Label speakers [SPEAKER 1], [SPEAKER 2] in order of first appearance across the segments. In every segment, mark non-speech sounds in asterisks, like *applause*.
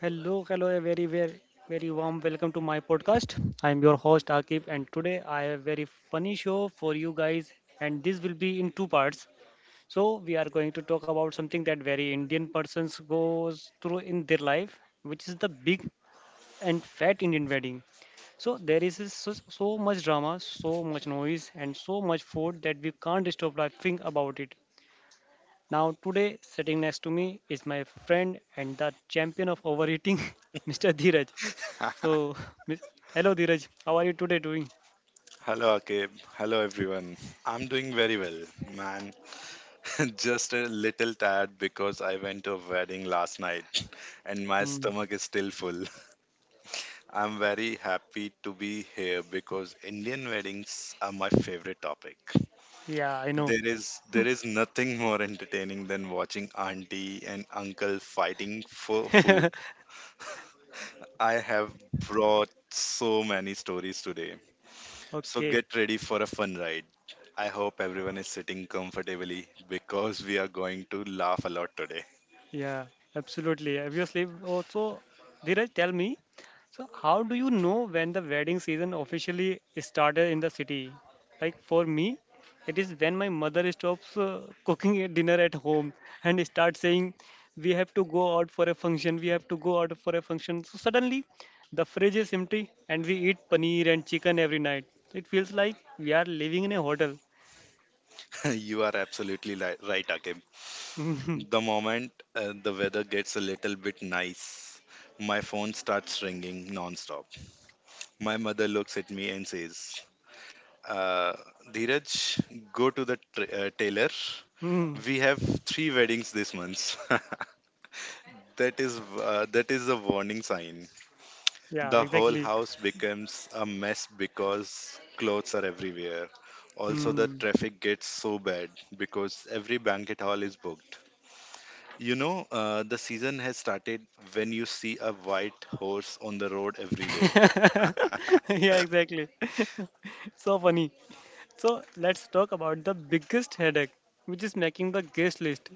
[SPEAKER 1] Hello, hello, a very, very, very warm welcome to my podcast. I'm your host Akib, and today I have a very funny show for you guys, and this will be in two parts. So we are going to talk about something that very Indian persons goes through in their life, which is the big and fat Indian wedding. So there is this so, so much drama, so much noise, and so much food that we can't stop laughing about it. Now today, sitting next to me is my friend and the champion of overeating, *laughs* Mr. Dheeraj. So,
[SPEAKER 2] *laughs*
[SPEAKER 1] *laughs* Miss- hello Dheeraj, how are you today doing?
[SPEAKER 2] Hello, Akib. Hello, everyone. I'm doing very well, man. *laughs* Just a little tired because I went to a wedding last night *laughs* and my
[SPEAKER 1] Hmm,
[SPEAKER 2] stomach is still full. *laughs* I'm very happy to be here because Indian weddings are my favorite topic.
[SPEAKER 1] yeah, I know.
[SPEAKER 2] There is nothing more entertaining than watching auntie and uncle fighting for food.
[SPEAKER 1] *laughs*
[SPEAKER 2] I have brought so many stories today. So get
[SPEAKER 1] Okay.
[SPEAKER 2] ready for a fun ride. I hope everyone is sitting comfortably because we are going to laugh a lot today.
[SPEAKER 1] Yeah, absolutely. Obviously, also, Dheeraj, tell me, so how do you know when the wedding season officially started in the city? Like for me, it is when my mother stops cooking *laughs* a dinner at home and starts saying, "We have to go out for a function. We have to go out for a function." So suddenly, the fridge is empty and we eat paneer and chicken every night. It feels like we are living in a hotel.
[SPEAKER 2] *laughs* You are right, Akim. The
[SPEAKER 1] *laughs*
[SPEAKER 2] moment the weather gets a little bit nice, my phone starts ringing non-stop. My mother looks at me and says, uh, "Dheeraj, go to the tailor.
[SPEAKER 1] Hmm.
[SPEAKER 2] We have three weddings this month." *laughs* that is that is a warning sign.
[SPEAKER 1] Yeah,
[SPEAKER 2] The whole
[SPEAKER 1] exactly.
[SPEAKER 2] house becomes a mess because clothes are everywhere. Also, the
[SPEAKER 1] Hmm.
[SPEAKER 2] traffic gets so bad because every banquet hall is booked. You know, the season has started when you see a white horse on the road
[SPEAKER 1] *laughs*
[SPEAKER 2] every day.
[SPEAKER 1] *laughs* Yeah, exactly. *laughs* So funny. So let's talk about the biggest headache, which is making the guest list.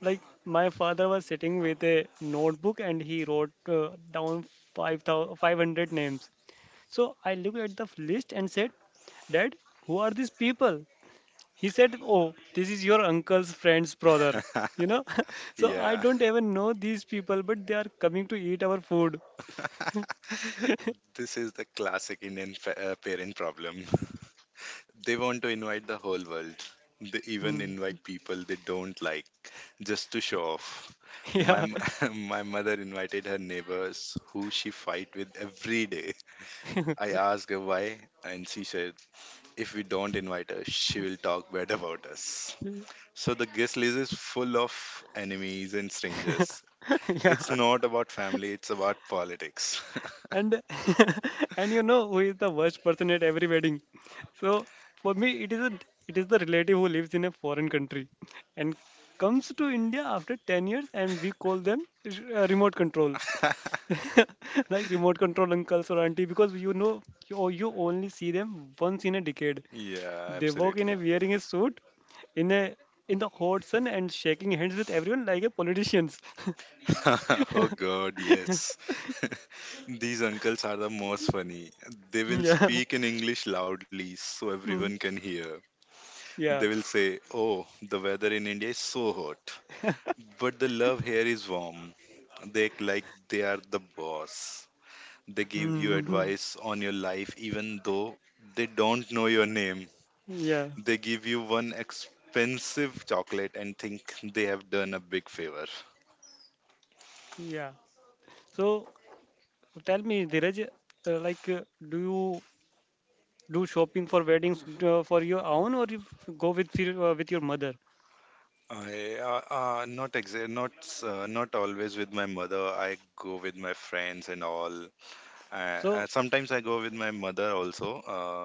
[SPEAKER 1] Like my father was sitting with a notebook and he wrote down 5,500 names. So I looked at the list and said, "Dad, who are these people?" He said, "Oh, this is your uncle's friend's brother." You know, *laughs*
[SPEAKER 2] *laughs*
[SPEAKER 1] so I
[SPEAKER 2] Yeah,
[SPEAKER 1] don't even know these people, but they are coming to eat our food.
[SPEAKER 2] this is the classic Indian parent problem. They want to invite the whole world. They even
[SPEAKER 1] Hmm.
[SPEAKER 2] invite people they don't like just to show off.
[SPEAKER 1] *laughs*
[SPEAKER 2] My
[SPEAKER 1] Yeah,
[SPEAKER 2] m- *laughs* my mother invited her neighbors who she fight with every day. I asked her why and she said if we don't invite her she will talk bad about us.
[SPEAKER 1] *laughs*
[SPEAKER 2] So the guest list is full of enemies and strangers. It's
[SPEAKER 1] yeah,
[SPEAKER 2] not about family, it's about politics.
[SPEAKER 1] and *laughs* and you know who is the worst person at every wedding. So for me, it is the relative who lives in a foreign country and comes to India after 10 years, and we call them remote control.
[SPEAKER 2] *laughs*
[SPEAKER 1] *laughs* Like remote control uncles or auntie, because you know, you only see them once in a decade.
[SPEAKER 2] Yeah,
[SPEAKER 1] They walk in
[SPEAKER 2] absolutely.
[SPEAKER 1] a wearing a suit in a in the hot sun and shaking hands with everyone like a politicians.
[SPEAKER 2] *laughs* Oh God, yes. *laughs* These uncles are the most funny. They
[SPEAKER 1] *laughs*
[SPEAKER 2] will
[SPEAKER 1] Yeah.
[SPEAKER 2] speak in English loudly so everyone
[SPEAKER 1] Mm.
[SPEAKER 2] can hear. They
[SPEAKER 1] Yeah.
[SPEAKER 2] will say, "Oh, the weather in India is so hot, but the love here is warm." They act like they are the boss. They give you
[SPEAKER 1] Mm.
[SPEAKER 2] advice on your life even though they don't know your name.
[SPEAKER 1] *laughs* Yeah.
[SPEAKER 2] They give you one expensive chocolate and think they have done a big favor.
[SPEAKER 1] Yeah. So tell me, Dheeraj, like, do you do shopping for weddings for your own, or you go with your mother?
[SPEAKER 2] I not exa- not s- not always with my mother. I go with my friends and all.
[SPEAKER 1] So
[SPEAKER 2] Sometimes I go with my mother also.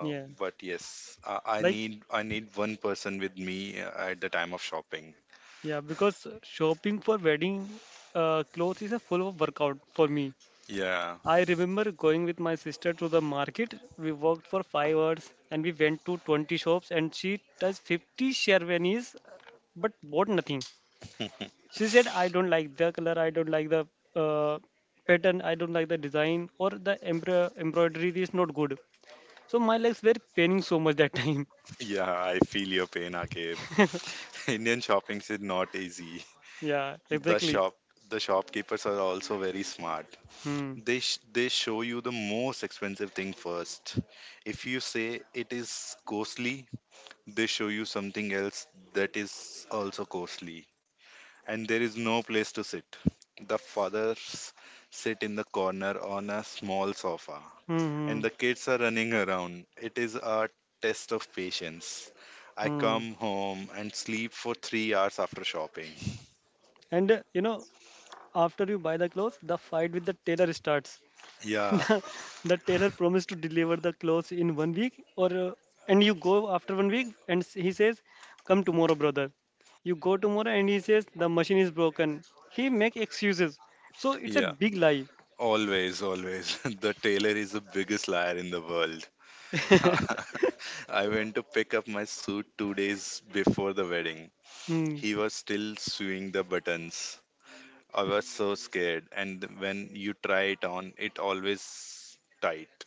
[SPEAKER 1] yeah,
[SPEAKER 2] But yes, I
[SPEAKER 1] like
[SPEAKER 2] need I need one person with me at the time of shopping.
[SPEAKER 1] yeah, because shopping for wedding clothes is a full of workout for me.
[SPEAKER 2] Yeah,
[SPEAKER 1] I remember going with my sister to the market. We walked for 5 hours, and we went to 20 shops, and she touched 50 sherwanis, but bought nothing. She said, "I don't like the color, I don't like the uh, pattern, I don't like the design, or the embroidery is not good." So my legs were paining so much that time.
[SPEAKER 2] *laughs* yeah, I feel your pain, Akib.
[SPEAKER 1] *laughs*
[SPEAKER 2] *laughs* Indian shopping is not easy.
[SPEAKER 1] Yeah,
[SPEAKER 2] The
[SPEAKER 1] exactly.
[SPEAKER 2] shop the shopkeepers are also very smart.
[SPEAKER 1] Hmm.
[SPEAKER 2] They show you the most expensive thing first. If you say it is costly, they show you something else that is also costly, and there is no place to sit. The fathers sit in the corner on a small sofa,
[SPEAKER 1] Hmm,
[SPEAKER 2] and
[SPEAKER 1] hmm,
[SPEAKER 2] the kids are running around. It is a test of patience. I
[SPEAKER 1] hmm.
[SPEAKER 2] come home and sleep for 3 hours after shopping.
[SPEAKER 1] And you know, after you buy the clothes, the fight with the tailor starts. *laughs*
[SPEAKER 2] Yeah,
[SPEAKER 1] the, the tailor promised to deliver the clothes in one week, or and you go after one week and he says, "Come tomorrow, brother." You go tomorrow and he says the machine is broken. He make excuses, so it's a
[SPEAKER 2] yeah,
[SPEAKER 1] big lie.
[SPEAKER 2] always, always. *laughs* The tailor is the biggest liar in the world. *laughs* I went to pick up my suit 2 days before the wedding.
[SPEAKER 1] Hmm.
[SPEAKER 2] He was still sewing the buttons. I was so scared, and when you try it on, it always tight.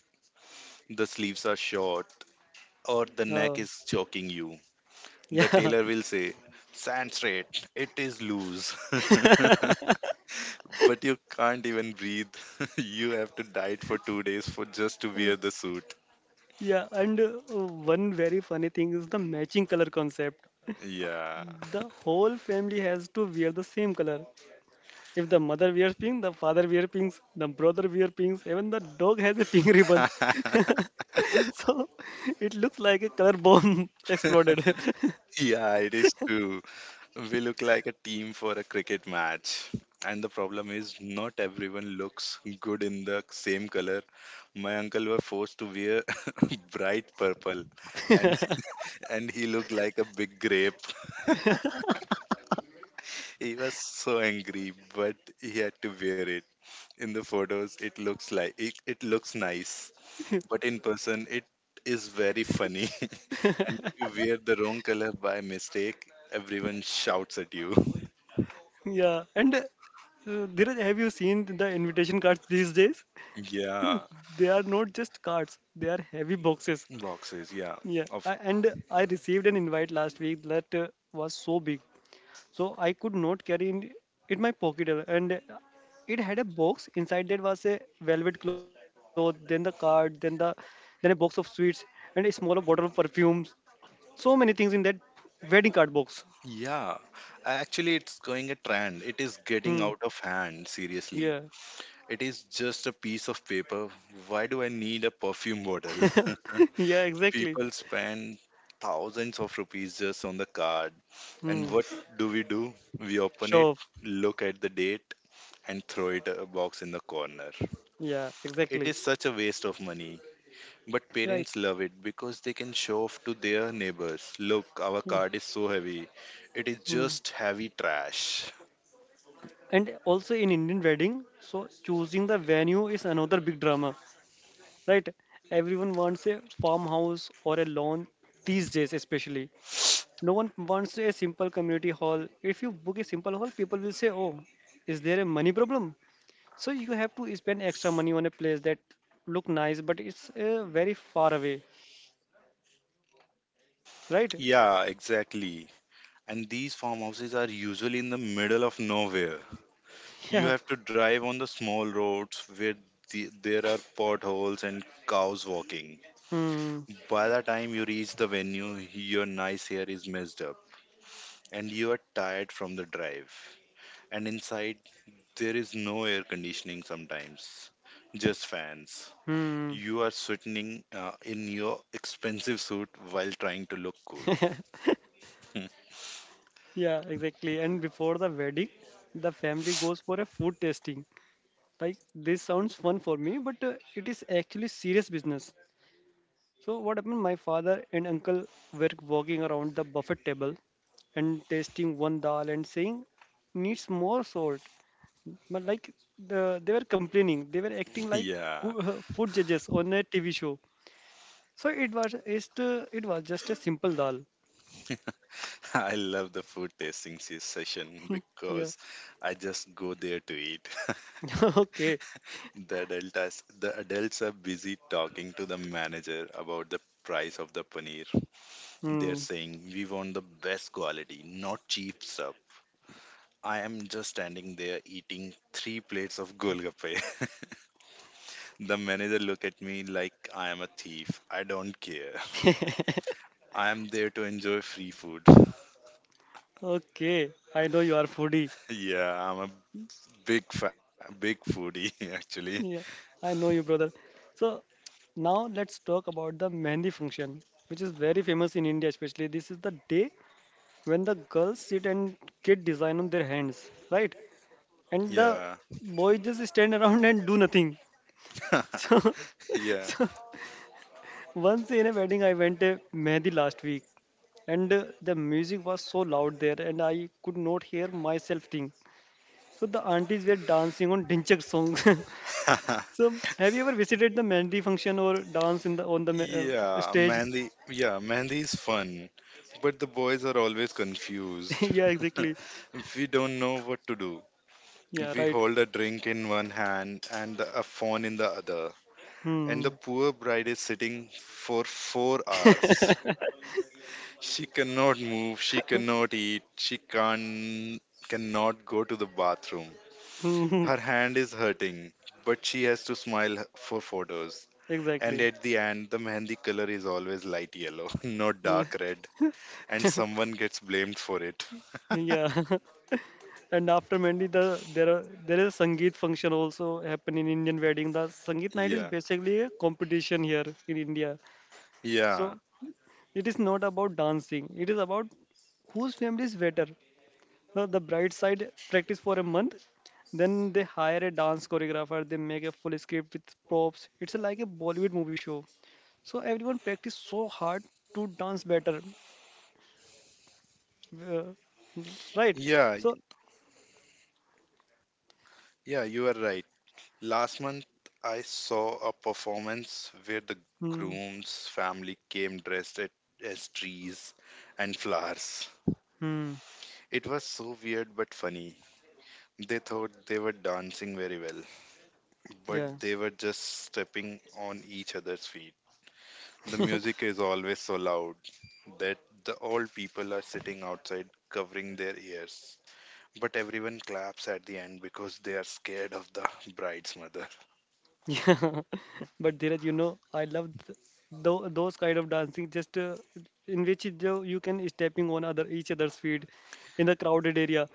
[SPEAKER 2] The sleeves are short, or the
[SPEAKER 1] Uh,
[SPEAKER 2] neck is choking you. The
[SPEAKER 1] yeah.
[SPEAKER 2] tailor
[SPEAKER 1] *laughs*
[SPEAKER 2] will say, "Stand straight, it is loose." *laughs* But you can't even breathe. *laughs* You have to diet for 2 days for just to wear the suit.
[SPEAKER 1] Yeah, and one very funny thing is the matching color concept.
[SPEAKER 2] Yeah.
[SPEAKER 1] The whole family has to wear the same color. If the mother wears pink, the father wears pink, the brother wears pink, even the dog has a pink *laughs* ribbon.
[SPEAKER 2] *laughs*
[SPEAKER 1] So *laughs* it looks like a color bomb *laughs* exploded.
[SPEAKER 2] Yeah, it is true. We look like a team for a cricket match. And the problem is, not everyone looks good in the same color. My uncle was forced to wear *laughs* bright purple, and
[SPEAKER 1] *laughs*
[SPEAKER 2] *laughs* and he looked like a big grape. He was so angry, but he had to wear it. In the photos, it looks like it looks nice, but in person, it is very funny. *laughs* And if you wear the wrong color by mistake, everyone shouts at you. *laughs*
[SPEAKER 1] Yeah, and Dheeraj, have you seen the invitation cards these days? *laughs*
[SPEAKER 2] Yeah.
[SPEAKER 1] They are not just cards; they are heavy boxes.
[SPEAKER 2] Boxes, yeah.
[SPEAKER 1] Yeah,
[SPEAKER 2] Of
[SPEAKER 1] I received an invite last week that was so big, so I could not carry in, my pocket, and it had a box inside that was a velvet cloth, then the card, then a box of sweets, and a small bottle of perfume. So many things in that wedding card box.
[SPEAKER 2] yeah. Actually it's going a trend. It is getting
[SPEAKER 1] Hmm.
[SPEAKER 2] out of hand, seriously.
[SPEAKER 1] Yeah.
[SPEAKER 2] It is just a piece of paper. Why do I need a perfume bottle?
[SPEAKER 1] *laughs* Yeah.
[SPEAKER 2] *laughs*
[SPEAKER 1] Exactly.
[SPEAKER 2] People spend thousands of rupees just on the card. And
[SPEAKER 1] Hmm.
[SPEAKER 2] what do? We open it,
[SPEAKER 1] Show off.
[SPEAKER 2] look at the date, and throw it a box in the corner.
[SPEAKER 1] Yeah.
[SPEAKER 2] It
[SPEAKER 1] Exactly.
[SPEAKER 2] is such a waste of money. But
[SPEAKER 1] Right.
[SPEAKER 2] parents love it because they can show off to their neighbors. Look, our card is so heavy. It is
[SPEAKER 1] Hmm.
[SPEAKER 2] just heavy trash.
[SPEAKER 1] And also in Indian wedding, so choosing the venue is another big drama, right? Everyone wants a farmhouse or a lawn these days, especially. No one wants a simple community hall. If you book a simple hall, people will say, "Oh, is there a money problem?" So you have to spend extra money on a place that look nice, but it's very far away, right?
[SPEAKER 2] Yeah, exactly. And these farmhouses are usually in the middle of nowhere.
[SPEAKER 1] *laughs*
[SPEAKER 2] You
[SPEAKER 1] Yeah.
[SPEAKER 2] have to drive on the small roads where there are potholes and cows walking.
[SPEAKER 1] Hmm.
[SPEAKER 2] By the time you reach the venue, your nice hair is messed up and you are tired from the drive. And inside, there is no air conditioning sometimes, just fans.
[SPEAKER 1] Hmm.
[SPEAKER 2] You are sweating in your expensive suit while trying to look cool.
[SPEAKER 1] *laughs*
[SPEAKER 2] *laughs*
[SPEAKER 1] Yeah, exactly. And before the wedding, the family goes for a food tasting. Like this sounds fun for me, but it is actually serious business. So what happened, my father and uncle were walking around the buffet table and tasting one dal and saying, "Needs more salt." But like, they were complaining. They were acting like
[SPEAKER 2] Yeah,
[SPEAKER 1] food judges on a TV show. So it was just it was just a simple dal.
[SPEAKER 2] *laughs* I love the food tasting session
[SPEAKER 1] Yeah.
[SPEAKER 2] because I just go there to eat.
[SPEAKER 1] *laughs* Okay.
[SPEAKER 2] *laughs* The adults are busy talking to the manager about the price of the paneer. They're
[SPEAKER 1] Hmm.
[SPEAKER 2] saying we want the best quality, not cheap stuff. I am just standing there eating three plates of golgappe. *laughs* The manager look at me like I am a thief. I don't care.
[SPEAKER 1] *laughs*
[SPEAKER 2] I'm there to enjoy free food. *laughs*
[SPEAKER 1] Okay, I know you are foodie.
[SPEAKER 2] Yeah, I'm a big foodie *laughs* actually.
[SPEAKER 1] Yeah, I know you, brother. So now let's talk about the mehndi function, which is very famous in India, especially. This is the day when the girls sit and get design on their hands, right? And the
[SPEAKER 2] Yeah.
[SPEAKER 1] boys just stand around and do nothing. *laughs* so
[SPEAKER 2] *laughs* Yeah.
[SPEAKER 1] so once in a wedding, I went a Mehdi last week, and the music was so loud there, and I could not hear myself think. So the aunties were dancing on Dinchak songs.
[SPEAKER 2] *laughs*
[SPEAKER 1] *laughs* So have you ever visited the Mehndi function or dance in the on the
[SPEAKER 2] Yeah,
[SPEAKER 1] stage?
[SPEAKER 2] Mandy. Yeah, Mandy is fun, but the boys are always
[SPEAKER 1] *laughs*
[SPEAKER 2] confused.
[SPEAKER 1] Yeah,
[SPEAKER 2] *laughs*
[SPEAKER 1] exactly.
[SPEAKER 2] We don't know what to do.
[SPEAKER 1] Yeah,
[SPEAKER 2] We
[SPEAKER 1] right.
[SPEAKER 2] hold a drink in one hand and a phone in the other, and
[SPEAKER 1] Hmm.
[SPEAKER 2] the poor bride is sitting for 4 hours.
[SPEAKER 1] *laughs*
[SPEAKER 2] She cannot move, she cannot eat, she can cannot go to the bathroom.
[SPEAKER 1] Hmm,
[SPEAKER 2] Her hand is hurting, but she has to smile for photos. And
[SPEAKER 1] exactly.
[SPEAKER 2] at the end, the mehendi color is always light yellow, *laughs* not
[SPEAKER 1] Yeah.
[SPEAKER 2] dark red, and someone gets blamed for it. *laughs*
[SPEAKER 1] Yeah, *laughs* and after Mehndi, there is a Sangeet function also happen in Indian wedding. The Sangeet
[SPEAKER 2] Yeah,
[SPEAKER 1] night is basically a competition here in India. So
[SPEAKER 2] yeah,
[SPEAKER 1] it is not about dancing. It is about whose family is better. The bride side practice for a month, then they hire a dance choreographer. They make a full script with props. It's like a Bollywood movie show. So everyone practice so hard to dance better, uh, right?
[SPEAKER 2] yeah,
[SPEAKER 1] So,
[SPEAKER 2] yeah, you are right. Last month, I saw a performance where the
[SPEAKER 1] hmm,
[SPEAKER 2] groom's family came as trees and flowers.
[SPEAKER 1] hmm,
[SPEAKER 2] It was so weird but funny. They thought they were dancing very well, but
[SPEAKER 1] yeah,
[SPEAKER 2] they were just stepping on each other's feet. The music is always so loud that the old people are sitting outside covering their ears. But everyone claps at the end because they are scared of the bride's mother.
[SPEAKER 1] *laughs* yeah. But Dheeraj, you know, I love those kind of dancing. Just in which you can stepping on other each other's feet in the crowded area.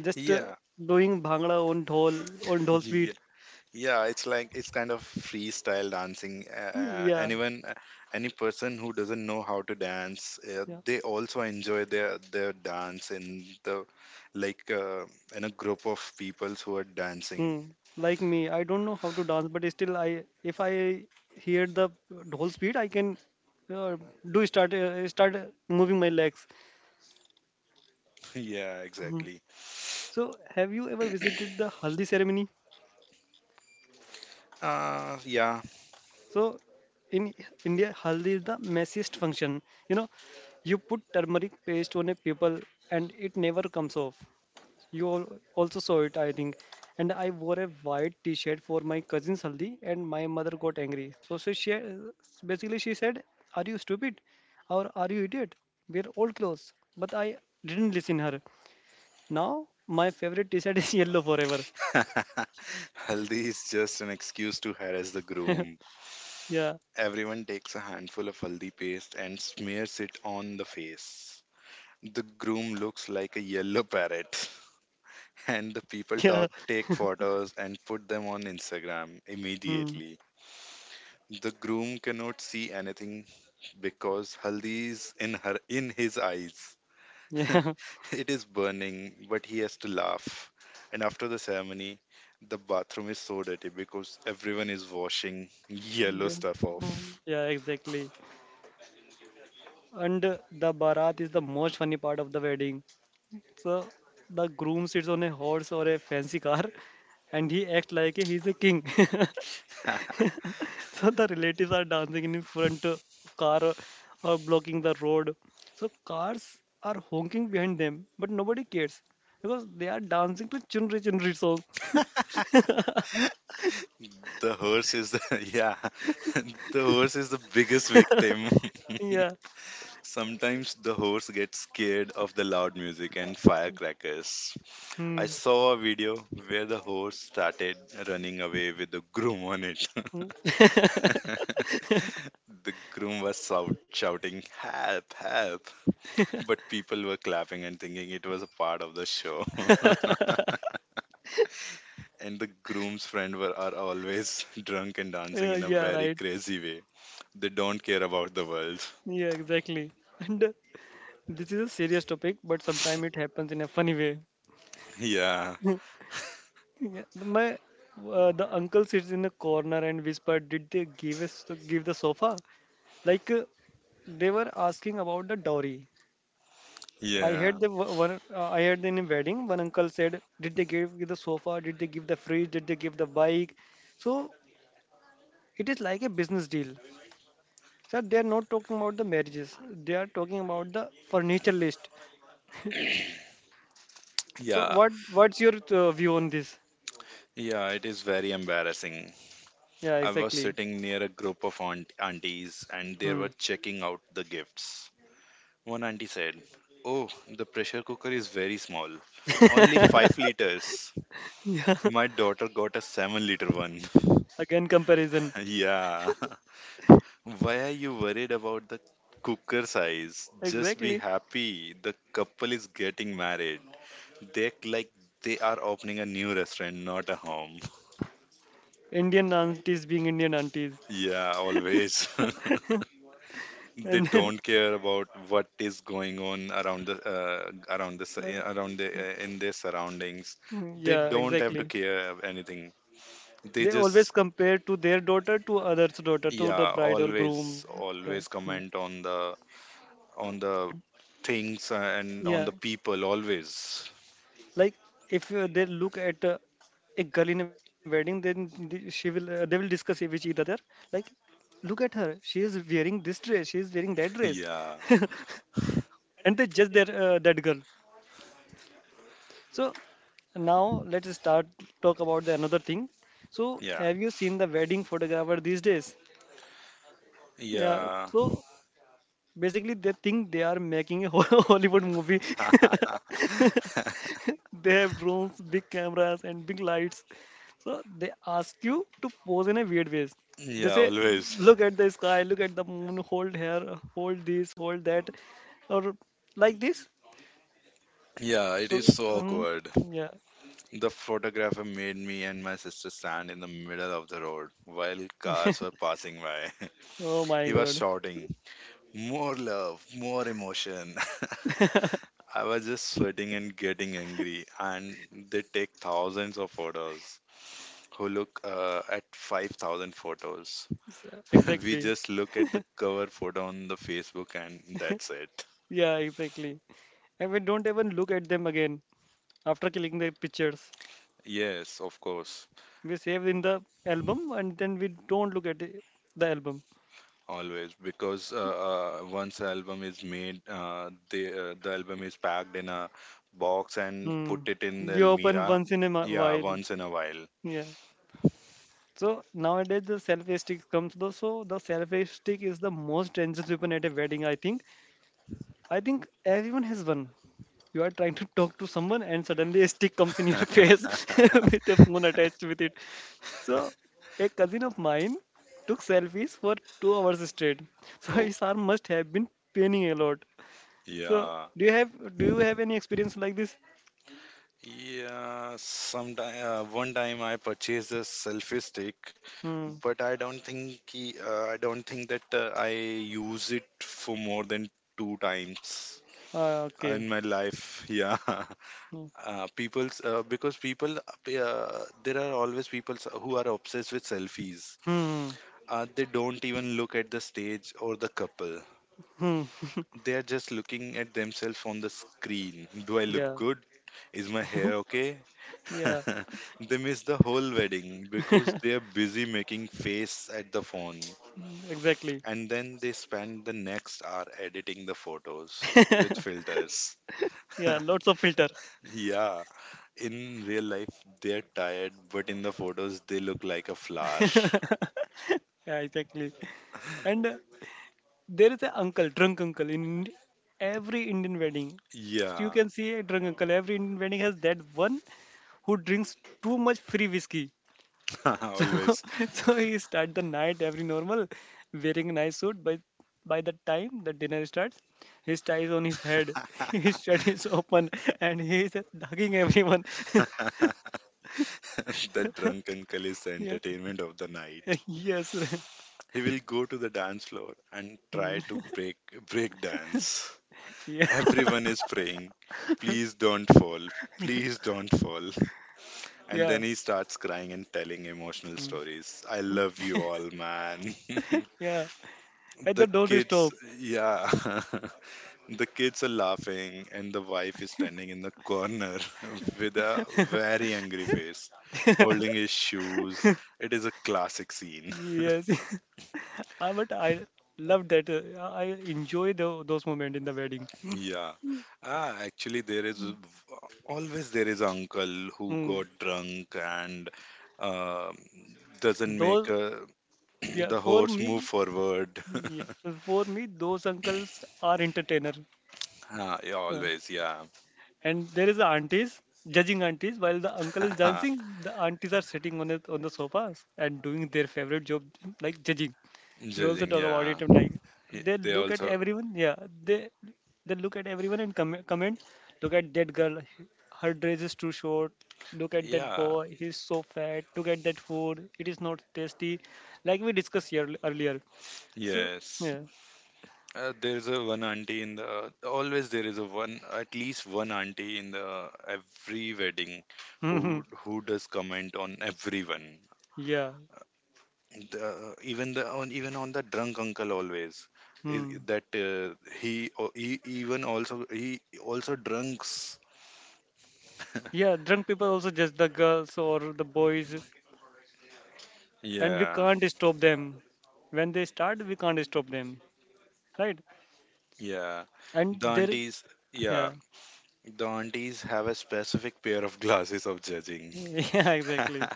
[SPEAKER 1] Just
[SPEAKER 2] Yeah,
[SPEAKER 1] doing bhangra on dhol beat.
[SPEAKER 2] *laughs* yeah, it's like it's kind of freestyle dancing.
[SPEAKER 1] Mm. Yeah,
[SPEAKER 2] Anyone, any person who doesn't know how to dance,
[SPEAKER 1] yeah.
[SPEAKER 2] they also enjoy their dance in the like in a group of peoples who are dancing.
[SPEAKER 1] Hmm.
[SPEAKER 2] *laughs*
[SPEAKER 1] Like me, I don't know how to dance, but still, I if I hear the dhol beat, I can uh, do start start moving my legs.
[SPEAKER 2] Yeah,
[SPEAKER 1] Mhm.
[SPEAKER 2] exactly.
[SPEAKER 1] So, have you ever visited the
[SPEAKER 2] *clears throat*
[SPEAKER 1] haldi ceremony?
[SPEAKER 2] Yeah.
[SPEAKER 1] So, in India, haldi is the messiest function. You know, you put turmeric paste on a people and it never comes off. You also saw it, I think. And I wore a white T-shirt for my cousin's haldi, and my mother got angry. So she basically she said, "Are you stupid, or are you idiot? We're old clothes." But I didn't listen her. Now my favorite T-shirt *laughs* is yellow forever.
[SPEAKER 2] *laughs* Haldi is just an excuse to harass the
[SPEAKER 1] *laughs*
[SPEAKER 2] groom.
[SPEAKER 1] Yeah.
[SPEAKER 2] Everyone takes a handful of haldi paste and smears it on the face. The groom looks like a yellow parrot. *laughs* And the
[SPEAKER 1] *laughs*
[SPEAKER 2] people
[SPEAKER 1] Yeah.
[SPEAKER 2] talk take photos and put them on Instagram
[SPEAKER 1] Hmm.
[SPEAKER 2] immediately. The groom cannot see anything because haldi is in his eyes.
[SPEAKER 1] Yeah.
[SPEAKER 2] *laughs* It is burning, but he has to laugh. And after the ceremony, the bathroom is so dirty because everyone is washing yellow
[SPEAKER 1] *laughs*
[SPEAKER 2] stuff off.
[SPEAKER 1] Yeah, exactly. And the barat is the most funny part of the wedding. So the groom sits on a horse or a fancy car and he acts like he's a king. *laughs*
[SPEAKER 2] *laughs*
[SPEAKER 1] So the relatives are dancing in front of car, or blocking the road. So cars are honking behind them, but nobody cares because they are dancing to Chunri Chunri song.
[SPEAKER 2] the horse is the, *laughs* yeah, *laughs* the horse is the biggest victim.
[SPEAKER 1] Yeah.
[SPEAKER 2] *laughs* Sometimes the horse gets scared of the loud music and firecrackers. I
[SPEAKER 1] Hmm.
[SPEAKER 2] saw a video where the horse started running away with the groom on it.
[SPEAKER 1] Hmm.
[SPEAKER 2] *laughs* The groom was shouting, "Help, help!" But people were clapping and thinking it was a part of the show. *laughs* And the groom's friend are always *laughs* drunk and dancing
[SPEAKER 1] Yeah,
[SPEAKER 2] in a
[SPEAKER 1] yeah,
[SPEAKER 2] very
[SPEAKER 1] right.
[SPEAKER 2] crazy way. They don't care about the world. *laughs*
[SPEAKER 1] Yeah, exactly. And this is a serious topic, but sometimes it happens in a funny way.
[SPEAKER 2] Yeah,
[SPEAKER 1] *laughs* Yeah, the- my the uncle sits in the corner and whisper, "Did they give us give the sofa?" Like they were asking about the dowry. I
[SPEAKER 2] yeah,
[SPEAKER 1] heard the one. I heard in a wedding, one uncle said, "Did they give you the sofa? Did they give the fridge? Did they give the bike?" So it is like a business deal. So they are not talking about the marriages. They are talking about the furniture list. So
[SPEAKER 2] yeah,
[SPEAKER 1] what's your view on this?
[SPEAKER 2] yeah, it is very embarrassing.
[SPEAKER 1] Yeah,
[SPEAKER 2] I was
[SPEAKER 1] exactly.
[SPEAKER 2] sitting near a group of aunties and they
[SPEAKER 1] Hmm.
[SPEAKER 2] were checking out the gifts. One auntie said, "Oh, the pressure cooker is very small, only 5 liters.
[SPEAKER 1] *laughs* Yeah,
[SPEAKER 2] My daughter got a 7-liter one."
[SPEAKER 1] again comparison.
[SPEAKER 2] *laughs* Yeah. *laughs* Why are you worried about the cooker size? Just be
[SPEAKER 1] Exactly.
[SPEAKER 2] happy. The couple is getting married. They act like they are opening a new restaurant, not a home. *laughs*
[SPEAKER 1] Indian aunties being Indian aunties.
[SPEAKER 2] Yeah, always. *laughs* They
[SPEAKER 1] And
[SPEAKER 2] don't care about what is going on
[SPEAKER 1] *laughs*
[SPEAKER 2] around the in their surroundings. They
[SPEAKER 1] yeah,
[SPEAKER 2] don't have to
[SPEAKER 1] exactly.
[SPEAKER 2] care of anything, they
[SPEAKER 1] They
[SPEAKER 2] just
[SPEAKER 1] always compare to their daughter to others' daughter, to the
[SPEAKER 2] yeah,
[SPEAKER 1] bride or groom.
[SPEAKER 2] always,
[SPEAKER 1] Yeah.
[SPEAKER 2] always
[SPEAKER 1] Hmm.
[SPEAKER 2] comment on the things and on
[SPEAKER 1] Yeah,
[SPEAKER 2] the people, always,
[SPEAKER 1] like if they look at a girl in a wedding, then they will discuss it with each other. Like, look at her; she is wearing this dress, she is wearing that dress,
[SPEAKER 2] yeah,
[SPEAKER 1] *laughs* and they judge that girl. So now let's start talk about the another thing. So
[SPEAKER 2] yeah,
[SPEAKER 1] have you seen the wedding photographer these days? Yeah.
[SPEAKER 2] yeah.
[SPEAKER 1] So basically they think they are making a *laughs* Hollywood movie. *laughs*
[SPEAKER 2] *laughs*
[SPEAKER 1] They have drones, big cameras, and big lights. So they ask you to pose in a weird ways. They
[SPEAKER 2] Yeah,
[SPEAKER 1] say,
[SPEAKER 2] always,
[SPEAKER 1] look at the sky, look at the moon, hold here, hold this, hold that, or like this.
[SPEAKER 2] yeah. It
[SPEAKER 1] So
[SPEAKER 2] is so
[SPEAKER 1] um,
[SPEAKER 2] awkward.
[SPEAKER 1] yeah.
[SPEAKER 2] The photographer made me and my sister stand in the middle of the road while cars were passing by.
[SPEAKER 1] Oh
[SPEAKER 2] *laughs*
[SPEAKER 1] my
[SPEAKER 2] He was
[SPEAKER 1] God.
[SPEAKER 2] shouting, "More love, more emotion." *laughs* I was just sweating and getting angry, and they take thousands of photos. Who look at 5,000 photos?
[SPEAKER 1] S-
[SPEAKER 2] *laughs* We
[SPEAKER 1] Exactly.
[SPEAKER 2] just look at the cover photo on the Facebook, and that's it.
[SPEAKER 1] Yeah, exactly. And we don't even look at them again after clicking the pictures.
[SPEAKER 2] Yes, of course.
[SPEAKER 1] We save in the album and then we don't look at the album.
[SPEAKER 2] Always, because once the album is made, the album is packed in a box and
[SPEAKER 1] Hmm.
[SPEAKER 2] put it in the
[SPEAKER 1] We open
[SPEAKER 2] Elmira.
[SPEAKER 1] once in a mi-
[SPEAKER 2] Yeah,
[SPEAKER 1] while.
[SPEAKER 2] once in a while.
[SPEAKER 1] Yeah. So nowadays the selfie stick comes though. So the selfie stick is the most dangerous weapon at a wedding, I think. I think everyone has one. You are trying to talk to someone and suddenly a stick comes in your *laughs*
[SPEAKER 2] *laughs*
[SPEAKER 1] face *laughs* with a phone attached with it. So, a cousin of mine took selfies for 2 hours straight. *laughs* So
[SPEAKER 2] Oh,
[SPEAKER 1] his arm must have been paining a lot. So,
[SPEAKER 2] yeah.
[SPEAKER 1] do you have do you have any experience like this?
[SPEAKER 2] Yeah, sometime one time I purchased a selfie stick,
[SPEAKER 1] Hmm.
[SPEAKER 2] but I don't think I don't think that I use it for more than two times
[SPEAKER 1] Ah, okay.
[SPEAKER 2] in my life. *laughs* Yeah.
[SPEAKER 1] Hmm.
[SPEAKER 2] People there are always people who are obsessed with selfies,
[SPEAKER 1] Hmm.
[SPEAKER 2] they don't even look at the stage or the couple.
[SPEAKER 1] Hmm. *laughs*
[SPEAKER 2] They are just looking at themselves on the screen. Do I look
[SPEAKER 1] Yeah.
[SPEAKER 2] good? Is my hair
[SPEAKER 1] *laughs*
[SPEAKER 2] okay?
[SPEAKER 1] Yeah.
[SPEAKER 2] *laughs* They miss the whole wedding because they
[SPEAKER 1] *laughs*
[SPEAKER 2] are busy making face at the phone,
[SPEAKER 1] Exactly.
[SPEAKER 2] and then they spend the next hour editing the photos with
[SPEAKER 1] *laughs*
[SPEAKER 2] filters.
[SPEAKER 1] Yeah.
[SPEAKER 2] *laughs*
[SPEAKER 1] Lots of filter.
[SPEAKER 2] Yeah. In real life, they're tired, but in the photos, they look like a flower.
[SPEAKER 1] *laughs* Yeah. Exactly. And there is an uncle, drunk uncle, in Indi- every Indian wedding. So you
[SPEAKER 2] Yeah,
[SPEAKER 1] can see a drunk uncle. Every Indian wedding has that one who drinks too much free whiskey. *laughs* So,
[SPEAKER 2] *laughs* always.
[SPEAKER 1] so he start the night every normal, wearing a nice suit. By the time the dinner starts, his tie is on his head,
[SPEAKER 2] *laughs*
[SPEAKER 1] *laughs* his shirt is open, and he is hugging everyone.
[SPEAKER 2] The drunk uncle is the
[SPEAKER 1] *laughs* Yeah,
[SPEAKER 2] entertainment of the
[SPEAKER 1] *laughs*
[SPEAKER 2] night.
[SPEAKER 1] yes.
[SPEAKER 2] He will go to the dance floor and
[SPEAKER 1] Hmm.
[SPEAKER 2] try to break dance.
[SPEAKER 1] *laughs* Yeah,
[SPEAKER 2] Everyone is praying, please don't fall, please don't fall. *laughs* And
[SPEAKER 1] yeah.
[SPEAKER 2] then he starts crying and telling emotional
[SPEAKER 1] Hmm.
[SPEAKER 2] stories. I love you all, man.
[SPEAKER 1] Yeah.
[SPEAKER 2] *laughs*
[SPEAKER 1] At
[SPEAKER 2] The
[SPEAKER 1] the door to
[SPEAKER 2] kids,
[SPEAKER 1] stop.
[SPEAKER 2] yeah. *laughs* The kids are laughing, and the wife is standing in the corner *laughs* with a very angry face, holding his shoes. It is a classic scene. *laughs*
[SPEAKER 1] Yes. *laughs* Ah, but I love that. I enjoy tho- those moments in the wedding.
[SPEAKER 2] Yeah. Actually, always there is uncle who
[SPEAKER 1] Mm.
[SPEAKER 2] got drunk and um doesn't
[SPEAKER 1] Those,
[SPEAKER 2] make
[SPEAKER 1] yeah,
[SPEAKER 2] *clears throat* the
[SPEAKER 1] for
[SPEAKER 2] horse
[SPEAKER 1] me.
[SPEAKER 2] move forward.
[SPEAKER 1] Yeah.
[SPEAKER 2] *laughs*
[SPEAKER 1] For me, those uncles are entertainer.
[SPEAKER 2] Ah, yeah,
[SPEAKER 1] Uh,
[SPEAKER 2] always, yeah.
[SPEAKER 1] and there is the aunties judging aunties while the uncle is dancing.
[SPEAKER 2] *laughs*
[SPEAKER 1] The aunties are sitting on the sofas and doing their favorite job, like judging. We also
[SPEAKER 2] Judging,
[SPEAKER 1] talk about it
[SPEAKER 2] yeah.
[SPEAKER 1] and like they
[SPEAKER 2] They
[SPEAKER 1] look at
[SPEAKER 2] also,
[SPEAKER 1] everyone. Yeah, they they look at everyone and com- comment. Look at that girl, her dress is too short. Look at that
[SPEAKER 2] yeah,
[SPEAKER 1] boy, he's so fat. Look at that food, it is not tasty. Like we discussed here earlier. So
[SPEAKER 2] yes.
[SPEAKER 1] yeah.
[SPEAKER 2] There is a one auntie in the Always there is a one at least one auntie in the every wedding who
[SPEAKER 1] *laughs*
[SPEAKER 2] who does comment on everyone.
[SPEAKER 1] Yeah.
[SPEAKER 2] The, even the on even on the drunk uncle, always is
[SPEAKER 1] Hmm.
[SPEAKER 2] that he, o- he even also he also drunks.
[SPEAKER 1] Yeah, drunk people also judge the girls or the boys, and we
[SPEAKER 2] Yeah,
[SPEAKER 1] can't stop them. When they start, we can't stop them, right?
[SPEAKER 2] yeah.
[SPEAKER 1] And
[SPEAKER 2] The
[SPEAKER 1] there,
[SPEAKER 2] aunties, yeah,
[SPEAKER 1] yeah.
[SPEAKER 2] the aunties have a specific pair of glasses of
[SPEAKER 1] *laughs*
[SPEAKER 2] judging.
[SPEAKER 1] Yeah, exactly.
[SPEAKER 2] *laughs*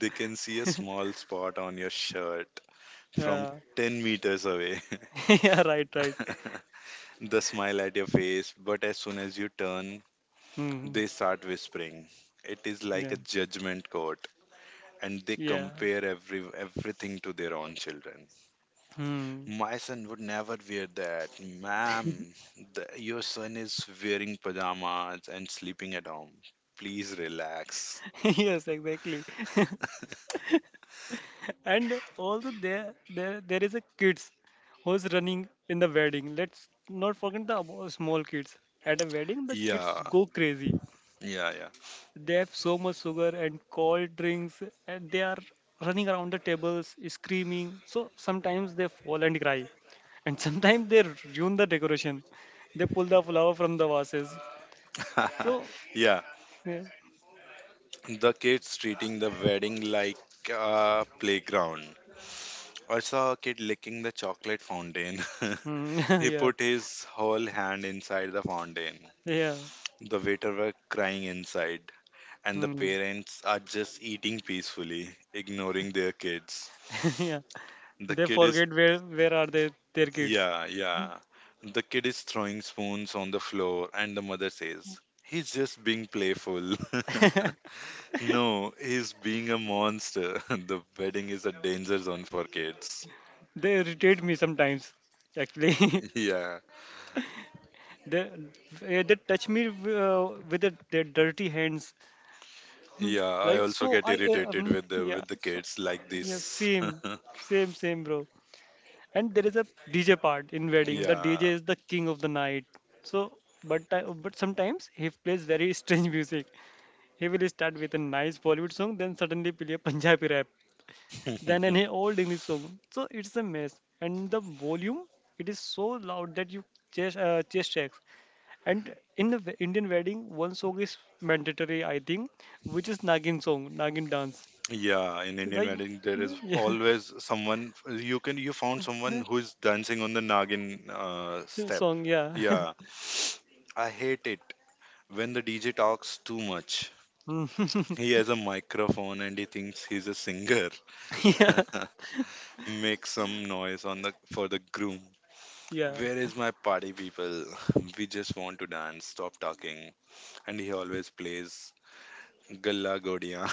[SPEAKER 2] They can see a small spot on your shirt from
[SPEAKER 1] Yeah.
[SPEAKER 2] 10 meters away.
[SPEAKER 1] *laughs* Yeah, right, right.
[SPEAKER 2] *laughs* The smile at your face, but as soon as you turn,
[SPEAKER 1] Hmm.
[SPEAKER 2] they start whispering. It is like
[SPEAKER 1] Yeah,
[SPEAKER 2] a judgment court, and they
[SPEAKER 1] yeah.
[SPEAKER 2] compare everything to their own children.
[SPEAKER 1] Hmm.
[SPEAKER 2] My son would never wear that, ma'am. Your son is wearing pajamas and sleeping at home. Please relax.
[SPEAKER 1] *laughs* Yes, exactly. *laughs* And also there is a kids who's running in the wedding. Let's not forget the abo- small kids. At a wedding, the kids
[SPEAKER 2] Yeah,
[SPEAKER 1] go crazy.
[SPEAKER 2] yeah,
[SPEAKER 1] They have so much sugar and cold drinks, and they are running around the tables, screaming. So sometimes they fall and cry, and *laughs* sometimes they ruin the decoration. They pull the flower from the vases.
[SPEAKER 2] yeah.
[SPEAKER 1] So,
[SPEAKER 2] *laughs* Yeah,
[SPEAKER 1] yeah.
[SPEAKER 2] the kids treating the wedding like a playground. I saw a kid licking the chocolate fountain. *laughs*
[SPEAKER 1] Mm.
[SPEAKER 2] He
[SPEAKER 1] *laughs* Yeah,
[SPEAKER 2] put his whole hand inside the fountain.
[SPEAKER 1] yeah,
[SPEAKER 2] The waiter were crying inside, and the
[SPEAKER 1] mm.
[SPEAKER 2] parents are just eating peacefully, ignoring their kids.
[SPEAKER 1] *laughs* Yeah.
[SPEAKER 2] The
[SPEAKER 1] They
[SPEAKER 2] kid is,
[SPEAKER 1] forget where are they their kids.
[SPEAKER 2] yeah, yeah. The kid is throwing spoons on the floor, and the mother says, he's just being playful.
[SPEAKER 1] *laughs*
[SPEAKER 2] *laughs* No, he's being a monster. *laughs* The wedding is a danger zone for kids.
[SPEAKER 1] They irritate me sometimes actually.
[SPEAKER 2] *laughs*
[SPEAKER 1] *laughs*
[SPEAKER 2] Yeah.
[SPEAKER 1] They they touch me with their dirty hands. *laughs* Mm.
[SPEAKER 2] Yeah, I
[SPEAKER 1] Like
[SPEAKER 2] also
[SPEAKER 1] so,
[SPEAKER 2] get
[SPEAKER 1] I uh,
[SPEAKER 2] irritated
[SPEAKER 1] um,
[SPEAKER 2] with the
[SPEAKER 1] yeah, so,
[SPEAKER 2] kids like
[SPEAKER 1] yeah,
[SPEAKER 2] this. *laughs*
[SPEAKER 1] same, bro. And there is a DJ part in wedding. The DJ
[SPEAKER 2] Yeah.
[SPEAKER 1] is the king of the night. So, but ti- but sometimes he plays very *laughs* strange music. He will start with a nice Bollywood song, then suddenly play a Punjabi rap, then an
[SPEAKER 2] *laughs*
[SPEAKER 1] old English song. So it's a mess. And the volume, it is so loud that you chest shakes. And in the we- Indian wedding, one song is mandatory, I think, which is Nagin song, Nagin dance.
[SPEAKER 2] Yeah, in Indian
[SPEAKER 1] Like,
[SPEAKER 2] wedding there is
[SPEAKER 1] yeah,
[SPEAKER 2] always someone. You found someone
[SPEAKER 1] yeah,
[SPEAKER 2] who is dancing on the nagin
[SPEAKER 1] yeah,
[SPEAKER 2] step.
[SPEAKER 1] song, yeah.
[SPEAKER 2] Yeah.
[SPEAKER 1] *laughs*
[SPEAKER 2] *sniffs* I hate it when the DJ talks too much.
[SPEAKER 1] Mm.
[SPEAKER 2] He has a microphone and he thinks he's a singer.
[SPEAKER 1] *laughs* Yeah,
[SPEAKER 2] *laughs* Make some noise on the for the groom.
[SPEAKER 1] yeah.
[SPEAKER 2] Where is my party people? *laughs* We just want to dance. Stop talking. And he always plays Galla Godiya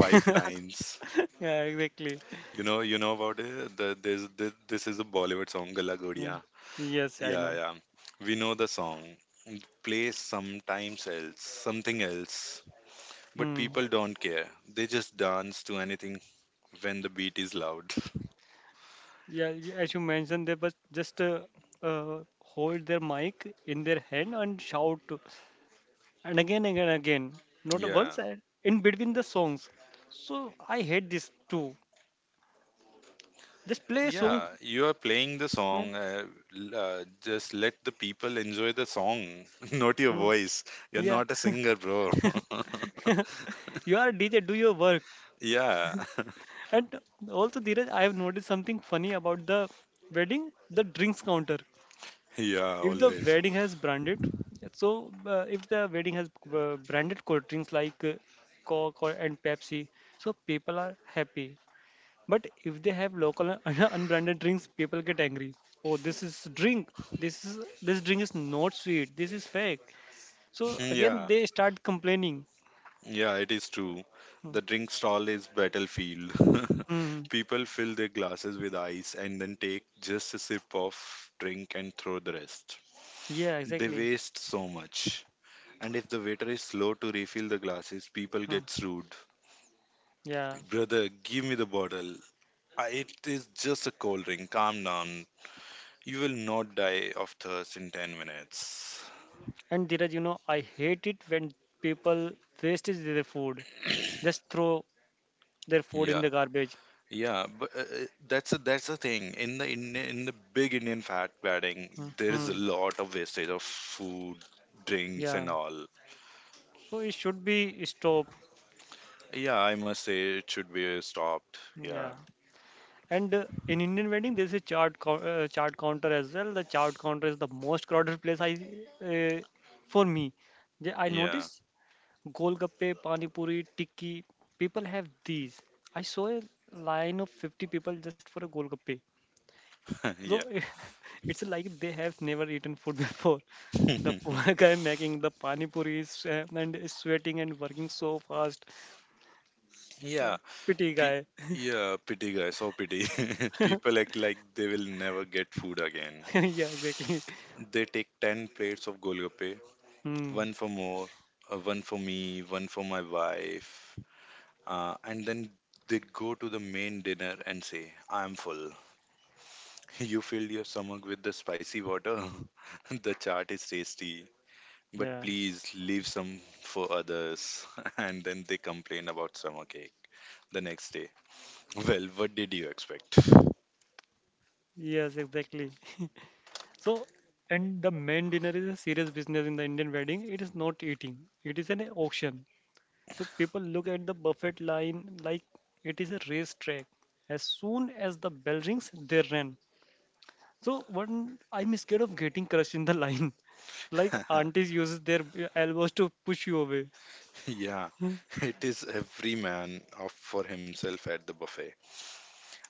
[SPEAKER 2] *laughs* five times.
[SPEAKER 1] Yeah, exactly.
[SPEAKER 2] You know about it. The, this is a Bollywood song, Galla
[SPEAKER 1] Yeah.
[SPEAKER 2] Godiya.
[SPEAKER 1] Yes, I
[SPEAKER 2] Yeah,
[SPEAKER 1] know.
[SPEAKER 2] yeah. We know the song. Play something else. But
[SPEAKER 1] Hmm.
[SPEAKER 2] people don't care. They just dance to anything when the beat is loud. *laughs*
[SPEAKER 1] Yeah, y- as you mentioned, they must just hold their mic in their hand and shout, and again, again, again, not
[SPEAKER 2] Yeah,
[SPEAKER 1] once, and in between the songs. So I hate this too. Just play a song.
[SPEAKER 2] yeah. You are playing the
[SPEAKER 1] Yeah.
[SPEAKER 2] song. Just let the people enjoy the song, *laughs* not your
[SPEAKER 1] Hmm.
[SPEAKER 2] voice. You're
[SPEAKER 1] Yeah.
[SPEAKER 2] not a singer, bro.
[SPEAKER 1] You are DJ, do your work.
[SPEAKER 2] *laughs* Yeah. *laughs*
[SPEAKER 1] And also, Dheeraj, I have noticed something funny about the wedding, the drinks counter.
[SPEAKER 2] Yeah,
[SPEAKER 1] If the
[SPEAKER 2] always.
[SPEAKER 1] wedding
[SPEAKER 2] *laughs*
[SPEAKER 1] has branded, so if the wedding has branded cold drinks like Coke or, and Pepsi, so people are happy. But if they have local un- *laughs* unbranded drinks, people get angry. Oh, this is drink. This drink is not sweet. This is fake. So again,
[SPEAKER 2] Yeah,
[SPEAKER 1] they start complaining.
[SPEAKER 2] yeah, it is true.
[SPEAKER 1] Mm.
[SPEAKER 2] The drink stall is battlefield. *laughs*
[SPEAKER 1] Mm.
[SPEAKER 2] People fill their glasses with ice and then take just a sip of drink and throw the rest.
[SPEAKER 1] Yeah,
[SPEAKER 2] They
[SPEAKER 1] exactly.
[SPEAKER 2] waste so much. And if the waiter is slow to refill the glasses, people
[SPEAKER 1] Mm.
[SPEAKER 2] gets rude.
[SPEAKER 1] Yeah.
[SPEAKER 2] Brother, give me the bottle. It is just a cold drink. Calm down. You will not die of thirst in 10 minutes.
[SPEAKER 1] And Dheeraj, you know, I hate it when people waste their food, just throw their food
[SPEAKER 2] Yeah.
[SPEAKER 1] in the garbage.
[SPEAKER 2] Yeah, but That's that's the thing. In the big Indian fat wedding, there is
[SPEAKER 1] Hmm.
[SPEAKER 2] a lot of wastage of food, drinks, and
[SPEAKER 1] Yeah.
[SPEAKER 2] all.
[SPEAKER 1] So it should be stopped.
[SPEAKER 2] Yeah, I must say it should be stopped. Yeah,
[SPEAKER 1] Yeah. And in Indian wedding, there's a chart co- chart counter as well. The chart counter is the most crowded place I uh, for me. Yeah, I
[SPEAKER 2] yeah,
[SPEAKER 1] notice golgappe, pani puri, tikki. People have these. I saw a line of 50 people just for a golgappe.
[SPEAKER 2] *laughs* yeah,
[SPEAKER 1] So *laughs* it's like they have never eaten food *laughs* before. The poor
[SPEAKER 2] *laughs*
[SPEAKER 1] *laughs* guy making the pani puri is sweating and working so fast.
[SPEAKER 2] yeah.
[SPEAKER 1] Uh, Pity
[SPEAKER 2] Pe-
[SPEAKER 1] guy.
[SPEAKER 2] yeah, pity guys, so pity. *laughs*
[SPEAKER 1] *laughs*
[SPEAKER 2] People act like they will never get food again.
[SPEAKER 1] Yeah, exactly.
[SPEAKER 2] They take ten plates of golgappe,
[SPEAKER 1] Hmm.
[SPEAKER 2] one for more, one for me, one for my wife, and then they go to the main dinner and say, I'm full. *laughs* You fill your stomach with the spicy water. *laughs* The chart is tasty, but
[SPEAKER 1] Yeah.
[SPEAKER 2] please leave some for others. *laughs* And then they complain about stomach ache the next day. Well, what did you expect?
[SPEAKER 1] Yes, exactly. So, and the main dinner is a serious business in the Indian wedding. It is not eating. It is an auction. So people look at the buffet line like it is a racetrack. As soon as the bell rings, they run. So one, I'm scared of getting crushed in the *laughs* line. Like
[SPEAKER 2] *laughs*
[SPEAKER 1] aunties uses their elbows to push you away.
[SPEAKER 2] Yeah,
[SPEAKER 1] Hmm.
[SPEAKER 2] it is every man up for himself at the buffet.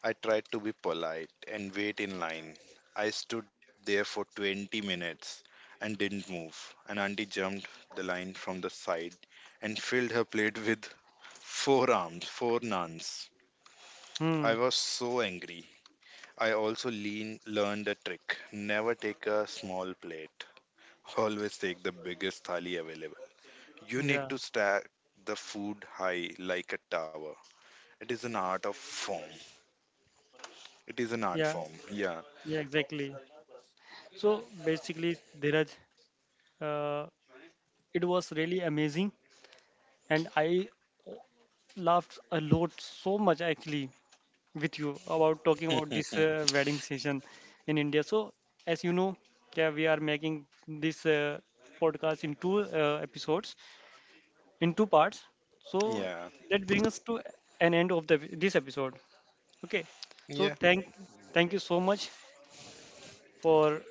[SPEAKER 2] I tried to be polite and wait in line. I stood there for 20 minutes and didn't move. An auntie jumped the line from the side and filled her plate with four naans.
[SPEAKER 1] Hmm.
[SPEAKER 2] I was so angry. I also learned a trick. Never take a small plate, always take the biggest thali available. You need
[SPEAKER 1] Yeah.
[SPEAKER 2] to stack the food high like a tower. It is an art of form. It is an art
[SPEAKER 1] Yeah.
[SPEAKER 2] form. Yeah.
[SPEAKER 1] Yeah. Exactly. So basically, Dhiraj, uh, it was really amazing, and I laughed a lot, so much actually, with you about talking about this wedding season in India. So as you know, yeah, we are making this podcast in two episodes, in two parts. So
[SPEAKER 2] Yeah.
[SPEAKER 1] that brings us to an end of the this episode. Okay,
[SPEAKER 2] Yeah.
[SPEAKER 1] so thank you so much for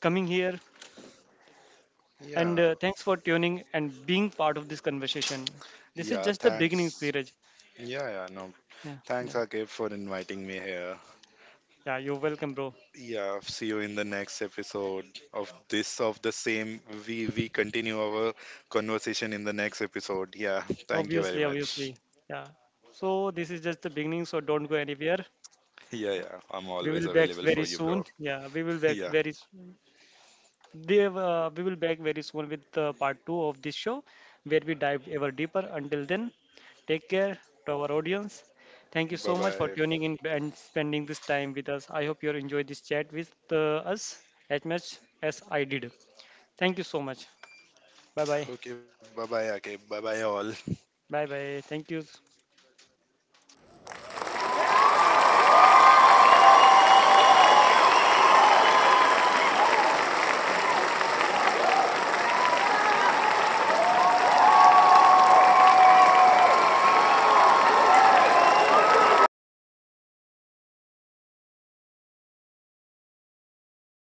[SPEAKER 1] coming here and
[SPEAKER 2] Yeah,
[SPEAKER 1] thanks for tuning and being part of this conversation. This is
[SPEAKER 2] yeah,
[SPEAKER 1] just the beginning,
[SPEAKER 2] thanks.
[SPEAKER 1] Dheeraj.
[SPEAKER 2] Yeah, yeah, no.
[SPEAKER 1] Yeah,
[SPEAKER 2] Thanks,
[SPEAKER 1] yeah,
[SPEAKER 2] Akib, for inviting me here.
[SPEAKER 1] yeah. You're welcome, bro.
[SPEAKER 2] Yeah, see you in the next episode of the same. We continue our conversation in the next episode. Yeah, thank you
[SPEAKER 1] Obviously,
[SPEAKER 2] very
[SPEAKER 1] obviously.
[SPEAKER 2] much.
[SPEAKER 1] Yeah. So this is just the beginning. So don't go anywhere.
[SPEAKER 2] Yeah, yeah, I'm
[SPEAKER 1] We will
[SPEAKER 2] always
[SPEAKER 1] back
[SPEAKER 2] available
[SPEAKER 1] very
[SPEAKER 2] for you,
[SPEAKER 1] soon.
[SPEAKER 2] bro.
[SPEAKER 1] Yeah, we will
[SPEAKER 2] *laughs*
[SPEAKER 1] back
[SPEAKER 2] Yeah,
[SPEAKER 1] very s- Dev, we will back very soon with part two of this show, where we dive ever deeper. Until then, take care to our audience. Thank you so
[SPEAKER 2] bye
[SPEAKER 1] much for
[SPEAKER 2] bye.
[SPEAKER 1] tuning in and spending this time with us. I hope you enjoyed this chat with us as much as I did. Thank you so much. Bye bye.
[SPEAKER 2] Okay, bye bye, Akib. Bye bye, all.
[SPEAKER 1] Bye bye. Thank you.